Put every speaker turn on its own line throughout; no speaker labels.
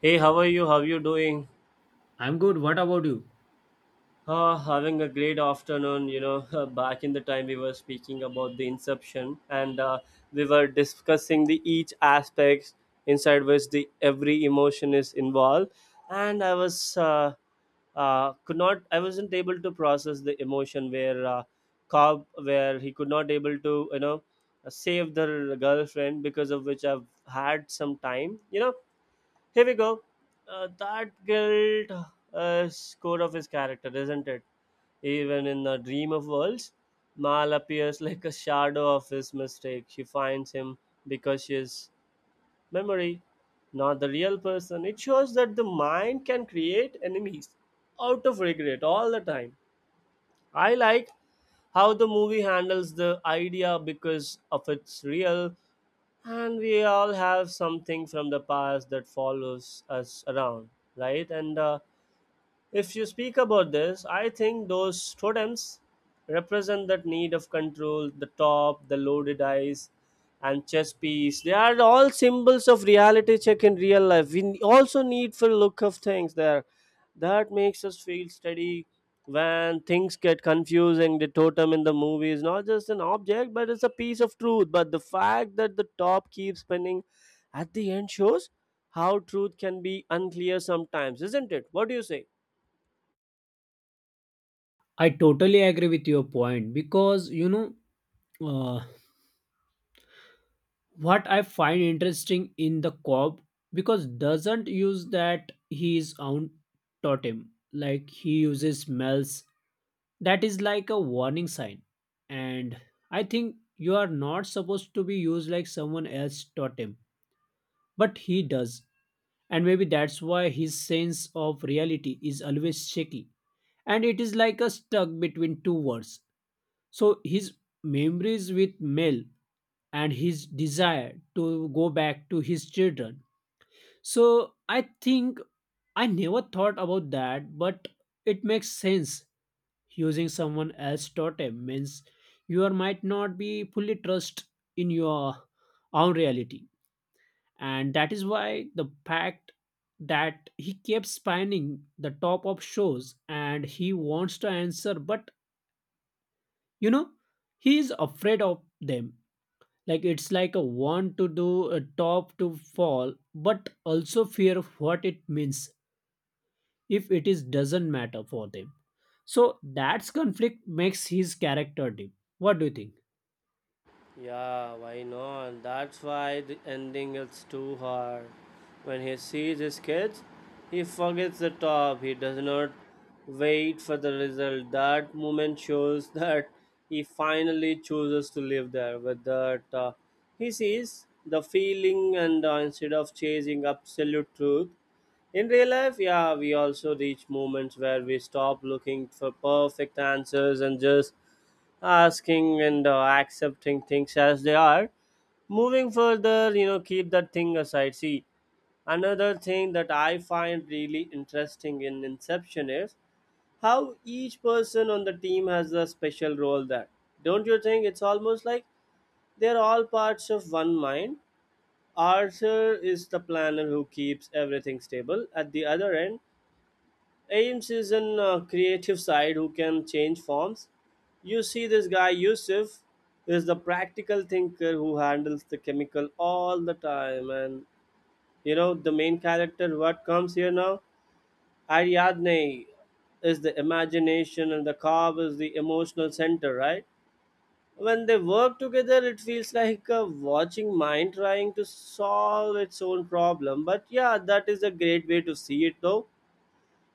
Hey, how are you? How you doing?
I'm good. What about you?
Ah, having a great afternoon. You know, back in the time we were speaking about the inception, and we were discussing the each aspects inside which the every emotion is involved, and I was could not I wasn't able to process the emotion where Cobb where he could not able to you know save the girlfriend because of which I've had some time. You know, Here we go. That guilt is core of his character, isn't it? Even in the dream of worlds, Mal appears like a shadow of his mistake. She finds him because she is memory, not the real person. It shows that the mind can create enemies out of regret all the time. I like how the movie handles the idea because of its real and we all have something from the past that follows us around, right, and if you speak about this, I think those totems represent that need of control, the top, the loaded eyes, and chess piece. They are all symbols of reality check in real life. We also need for look of things there. That makes us feel steady when things get confusing. The totem in the movie is not just an object, but it's a piece of truth. But the fact that the top keeps spinning at the end shows how truth can be unclear sometimes, isn't it? What do you say?
I totally agree with your point because uh, what I find interesting in the Cobb because doesn't use that his own totem, like he uses smells that is like a warning sign, and I think you are not supposed to be used like someone else's totem, but he does. And maybe that's why his sense of reality is always shaky, and it is like a stuck between two worlds. So his memories with Mel and his desire to go back to his children. So I think I never thought about that, but it makes sense. Using someone else's totem means might not be fully trust in your own reality, and that is why the fact that he kept spinning the top of shows and he wants to answer, but you know he is afraid of them. Like it's like a want to do a top to fall, but also fear of what it means if it is doesn't matter for them. So that's conflict makes his character deep. What do you think?
Yeah, why not? That's why the ending is too hard. When he sees his kids, he forgets the top. He does not wait for the result. That moment shows that he finally chooses to live there. With that, he sees the feeling, and instead of chasing absolute truth, in real life, yeah, we also reach moments where we stop looking for perfect answers and just asking and accepting things as they are, moving further, you know, keep that thing aside. See, another thing that I find really interesting in inception is how each person on the team has a special role there. Don't you think it's almost like they're all parts of one mind? Arthur is the planner who keeps everything stable at the other end. Ames is an creative side who can change forms. You see, this guy Yusuf is the practical thinker who handles the chemical all the time, and you know the main character what comes here now, Ariadne, is the imagination, and the Cobb is the emotional center, right? When they work together, it feels like a watching mind trying to solve its own problem. But yeah, that is a great way to see it though,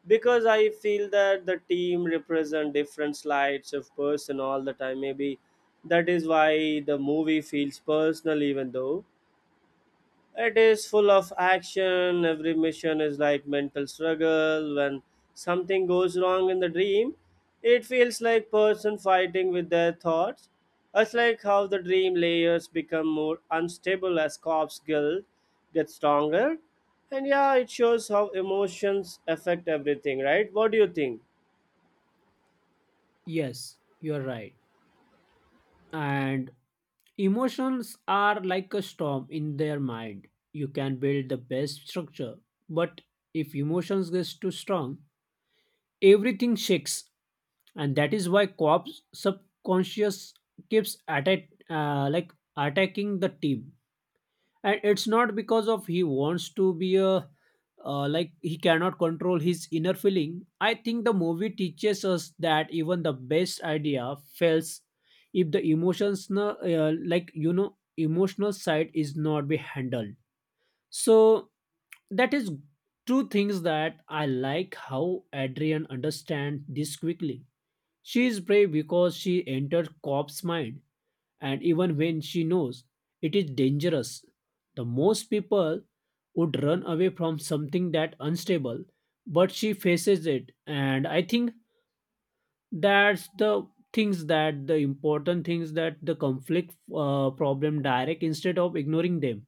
because I feel that the team represent different slides of person all the time. Maybe that is why the movie feels personal, even though it is full of action. Every mission is like mental struggle. When something goes wrong in the dream, it feels like person fighting with their thoughts. It's like how the dream layers become more unstable as corpse guilt gets stronger. And yeah, it shows how emotions affect everything, right? What do you think?
Yes, you're right. And emotions are like a storm in their mind. You can build the best structure, but if emotions gets too strong, everything shakes. And that is why Cobb's subconscious like attacking the team, and it's not because of he wants to be a like he cannot control his inner feeling. I think the movie teaches us that even the best idea fails if like emotional side is not be handled. So that is two things that I like how Adrian understand this quickly. She is brave because she enters Cobb's mind, and even when she knows it is dangerous, the most people would run away from something that unstable, but she faces it. And I think that's the important things, that the conflict problem direct instead of ignoring them.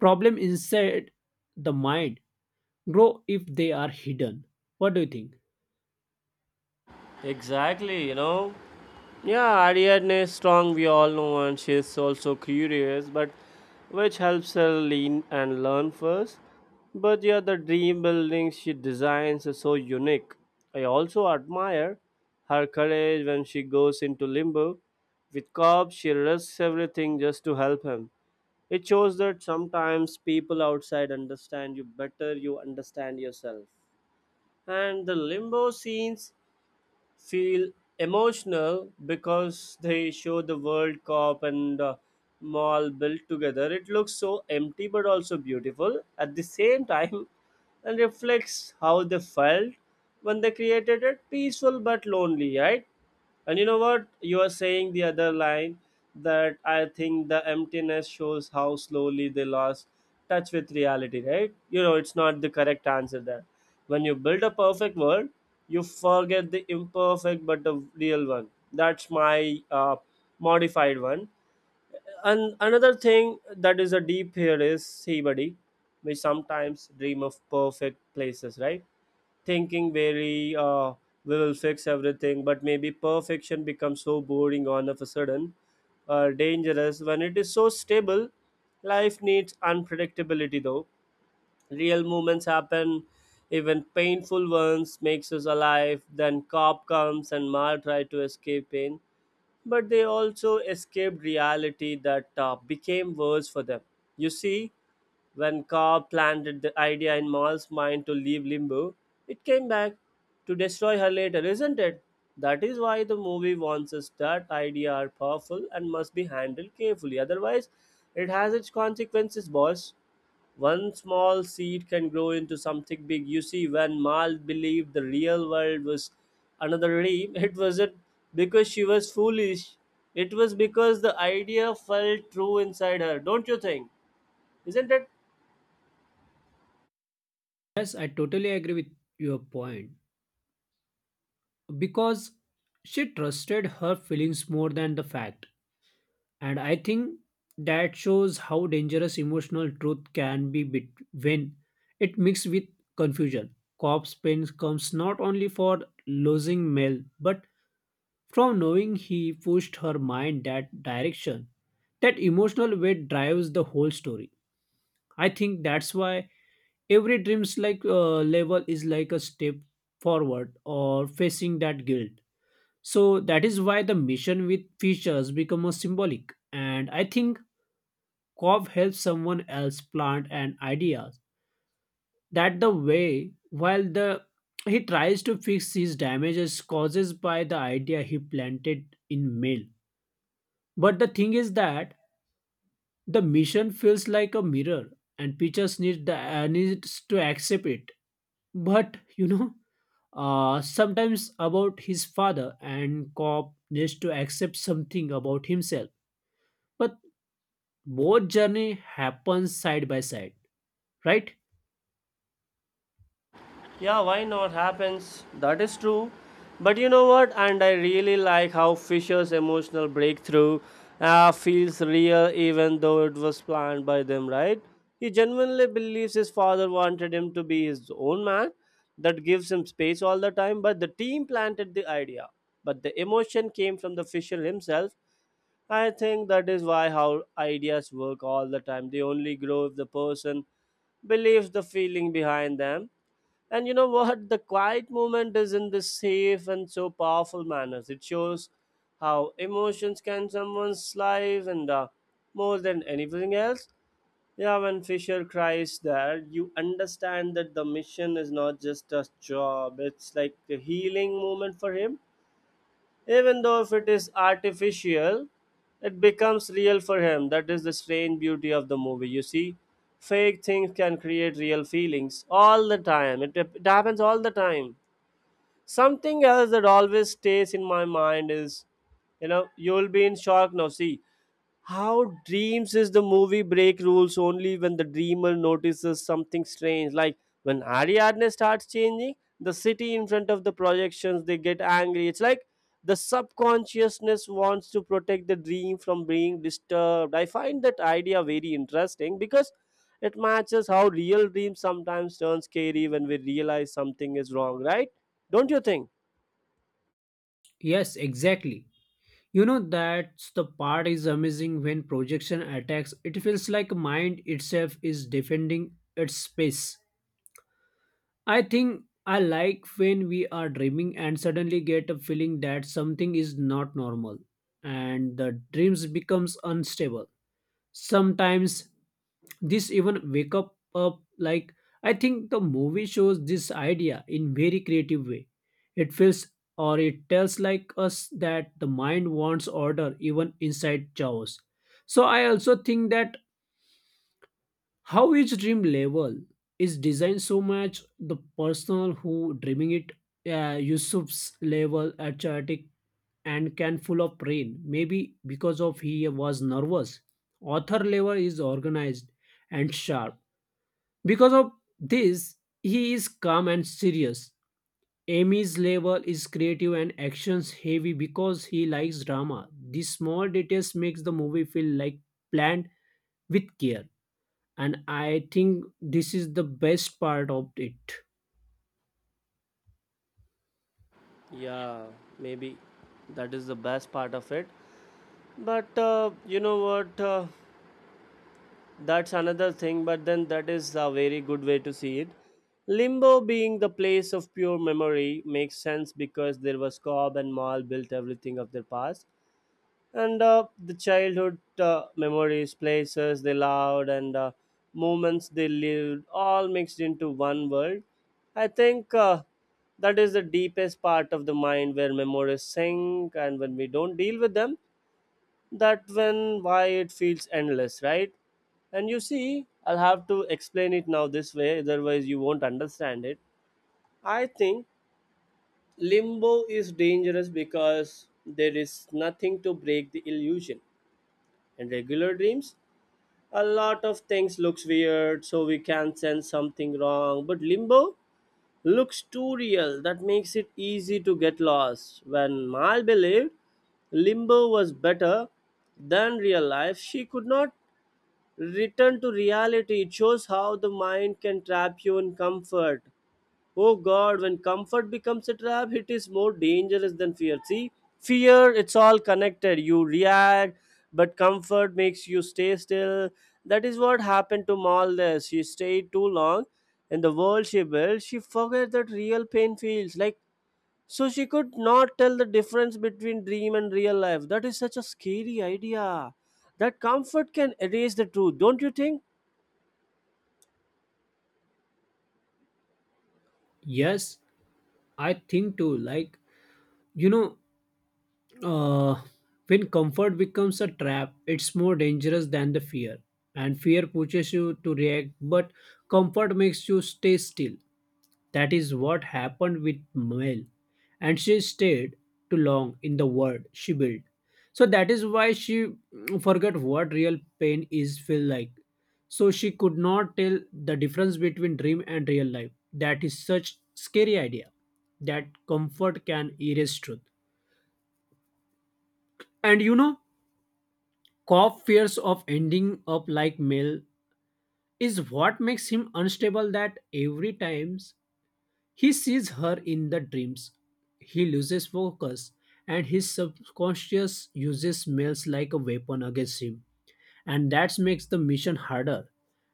Problem inside the mind grow if they are hidden. What do you think?
Exactly, you know. Yeah, Ariadne is strong, we all know, and she's also curious, but which helps her lean and learn first. But yeah, the dream buildings she designs is so unique. I also admire her courage when she goes into limbo. With Cobb, she risks everything just to help him. It shows that sometimes people outside understand you better, you understand yourself. And the limbo scenes feel emotional because they show the World Cup and mall built together. It looks so empty but also beautiful at the same time and reflects how they felt when they created it peaceful but lonely, right? And you know what? You are saying the other line that I think the emptiness shows how slowly they lost touch with reality, right? You know, it's not the correct answer there. When you build a perfect world, you forget the imperfect but the real one. That's my modified one. And another thing that is a deep here is sea buddy. We sometimes dream of perfect places, right? Thinking very, we will fix everything, but maybe perfection becomes so boring all of a sudden or dangerous when it is so stable. Life needs unpredictability though. Real moments happen, even painful ones makes us alive. Then cop comes and Mal try to escape pain, but they also escaped reality that became worse for them. You see, when Cobb planted the idea in Mal's mind to leave Limbo, it came back to destroy her later, isn't it? That is why the movie wants us that ideas are powerful and must be handled carefully. Otherwise, it has its consequences, boss. One small seed can grow into something big. You see, when Mal believed the real world was another dream, it wasn't because she was foolish. It was because the idea felt true inside her. Don't you think? Isn't it?
Yes, I totally agree with your point, because she trusted her feelings more than the fact. And I think that shows how dangerous emotional truth can when it mixed with confusion. Cobb's pain comes not only for losing Mel, but from knowing he pushed her mind that direction. That emotional weight drives the whole story. I think that's why every dreams level is like a step forward or facing that guilt, so that is why the mission with features become a symbolic. And I think Cobb helps someone else plant an idea. That the way while the he tries to fix his damages caused by the idea he planted in mail. But the thing is that the mission feels like a mirror, and Peaches needs the needs to accept it. But sometimes about his father, and Cobb needs to accept something about himself. But both journey happens side by side, right?
Yeah, why not? Happens. That is true. But you know what? And I really like how Fisher's emotional breakthrough feels real even though it was planned by them, right? He genuinely believes his father wanted him to be his own man. That gives him space all the time. But the team planted the idea. But the emotion came from the Fisher himself. I think that is why how ideas work all the time. They only grow if the person believes the feeling behind them. And you know what? The quiet movement is in this safe and so powerful manners. It shows how emotions can someone's life and more than anything else. Yeah, when Fisher cries there, you understand that the mission is not just a job, it's like a healing moment for him. Even though if it is artificial, it becomes real for him. That is the strange beauty of the movie. You see, fake things can create real feelings all the time. It happens all the time. Something else that always stays in my mind is, you know, you'll be in shock now. See, how dreams is the movie break rules only when the dreamer notices something strange. Like when Ariadne starts changing, the city in front of the projections they get angry. It's like the subconsciousness wants to protect the dream from being disturbed. I find that idea very interesting because it matches how real dreams sometimes turn scary when we realize something is wrong, right? Don't you think?
Yes, exactly, you know that's the part is amazing. When projection attacks, it feels like mind itself is defending its space. I think I like when we are dreaming and suddenly get a feeling that something is not normal, and the dreams becomes unstable sometimes. This even wake up like I think the movie shows this idea in very creative way. It feels, or it tells like us that the mind wants order even inside chaos. So I also think that how each dream level is designed so much the personal who dreaming it. Yusuf's level at chaotic and can full of rain, maybe because of he was nervous. Author level is organized and sharp, because of this, he is calm and serious. Amy's level is creative and actions heavy because he likes drama. These small details makes the movie feel like planned with care. And I think this is the best part of it.
Yeah, maybe that is the best part of it. But you know what? That's another thing, but then that is a very good way to see it. Limbo being the place of pure memory makes sense because there was Cobb and Mal built everything of their past. And The childhood memories, places they loved, and moments they lived all mixed into one world. I think that is the deepest part of the mind where memories sink, and when we don't deal with them, that when why it feels endless, right? And you see, I'll have to explain it now this way, otherwise you won't understand it. I think limbo is dangerous because there is nothing to break the illusion. In regular dreams a lot of things looks weird so we can sense something wrong, but limbo looks too real, that makes it easy to get lost. When Mal believed limbo was better than real life, she could not return to reality. It shows how the mind can trap you in comfort. Oh God, when comfort becomes a trap, it is more dangerous than fear. See, fear, it's all connected. You react, but comfort makes you stay still. That is what happened to Malda. She stayed too long in the world she built. She forgot that real pain feels like, so she could not tell the difference between dream and real life. That is such a scary idea. That comfort can erase the truth, don't you think?
Yes, I think too. You know, Uh, when comfort becomes a trap, it's more dangerous than the fear. And fear pushes you to react, but comfort makes you stay still. That is what happened with Mel. And she stayed too long in the world she built. So that is why she forgot what real pain is feel like. So she could not tell the difference between dream and real life. That is such scary idea, that comfort can erase truth. And you know, Cobb fears of ending up like Mel is what makes him unstable, that every time he sees her in the dreams, he loses focus, and his subconscious uses Mel's like a weapon against him. And that makes the mission harder.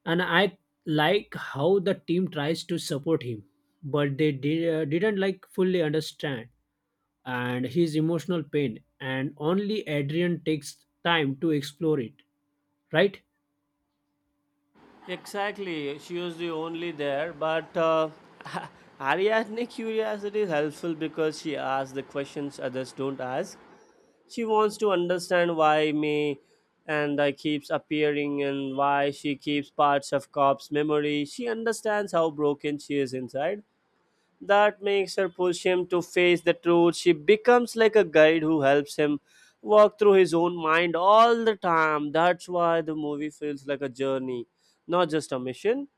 And I like how the team tries to support him, but didn't like fully understand and his emotional pain, and only Adrian takes time to explore it, right?
Exactly, she was the only there, but Ariadne curiosity is helpful because she asks the questions others don't ask. She wants to understand why me and I keeps appearing and why she keeps parts of Cobb's memory. She understands how broken she is inside. That makes her push him to face the truth. She becomes like a guide who helps him walk through his own mind all the time. That's why the movie feels like a journey, not just a mission.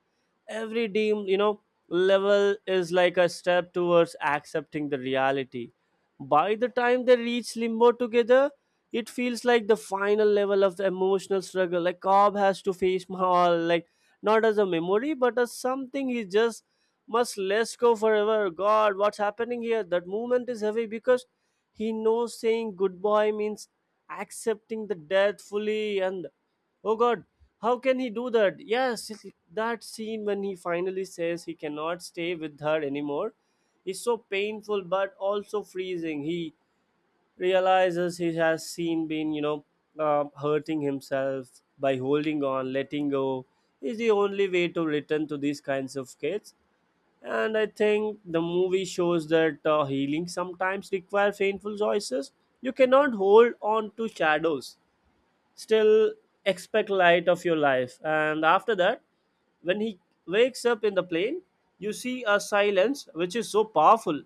Every deem, you know, level is like a step towards accepting the reality. By the time they reach limbo together, it feels like the final level of the emotional struggle. Like Cobb has to face Mahal, like not as a memory, but as something he just must let's go forever. God, what's happening here? That movement is heavy because he knows saying goodbye means accepting the death fully. And oh God, how can he do that? Yes, that scene when he finally says he cannot stay with her anymore is so painful but also freezing. He realizes he has seen been, hurting himself by holding on, letting go is the only way to return to these kinds of kids, and I think the movie shows that healing sometimes requires painful choices. You cannot hold on to shadows. Still expect light of your life. And after that, when he wakes up in the plane, you see a silence which is so powerful.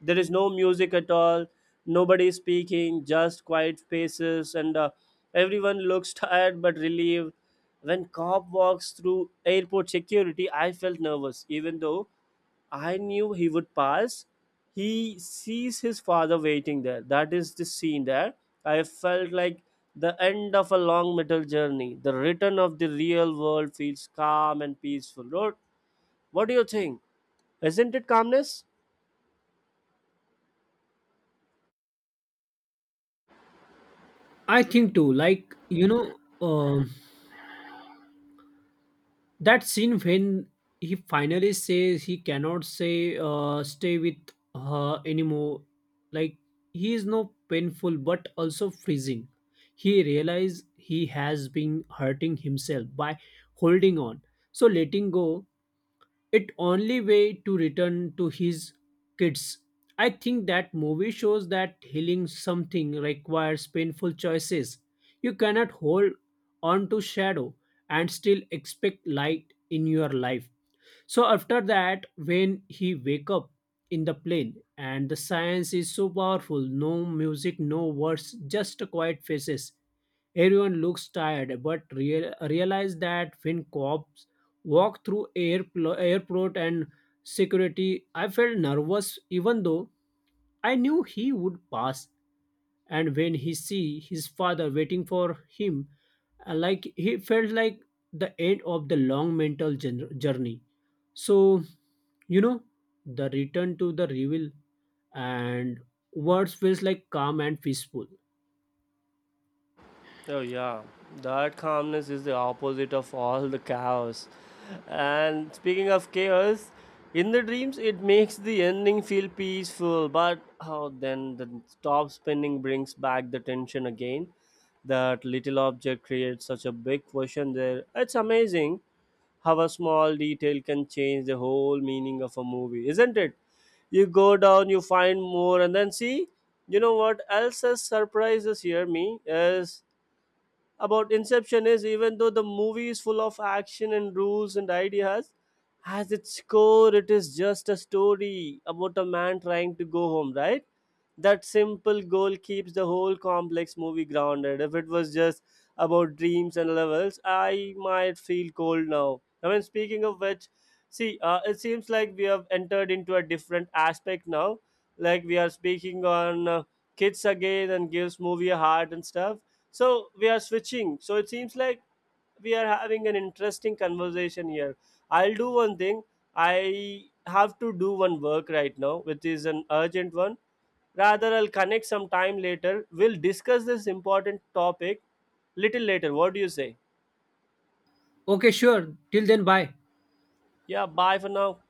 There is no music at all, nobody is speaking, just quiet spaces, and everyone looks tired but relieved. When cop walks through airport security, I felt nervous, even though I knew he would pass. He sees his father waiting there. That is the scene there. I felt like the end of a long metal journey. The return of the real world feels calm and peaceful. Lord, what do you think? Isn't it calmness?
I think too, that scene when he finally says he cannot stay with her anymore, like, he is no painful but also freezing. He realizes he has been hurting himself by holding on. So, letting go it only way to return to his kids. I think that movie shows that healing something requires painful choices. You cannot hold on to shadow and still expect light in your life. So after that, when he wake up in the plane, and the science is so powerful, no music, no words, just quiet faces. Everyone looks tired, but real, realize that when cops walk through airport and security, I felt nervous, even though I knew he would pass. And when he see his father waiting for him, like he felt like the end of the long mental journey. So you know, the return to the reveal and words feels like calm and peaceful.
Oh, yeah, that calmness is the opposite of all the chaos. And speaking of chaos, in the dreams, it makes the ending feel peaceful, but oh, then the stop spinning brings back the tension again. That little object creates such a big question there. It's amazing how a small detail can change the whole meaning of a movie, isn't it? You go down, you find more, and then see, you know what else has surprises here me is about Inception is even though the movie is full of action and rules and ideas, as its core, it is just a story about a man trying to go home, right? That simple goal keeps the whole complex movie grounded. If it was just about dreams and levels, I might feel cold now. I mean, speaking of which, see, it seems like we have entered into a different aspect now. Like we are speaking on kids again and gives movie a heart and stuff, so we are switching, so it seems like we are having an interesting conversation here. I'll do one thing, I have to do one work right now which is an urgent one. Rather, I'll connect some time later, we'll discuss this important topic little later, what do you say?
Okay, sure, till then, bye.
Yeah, bye for now.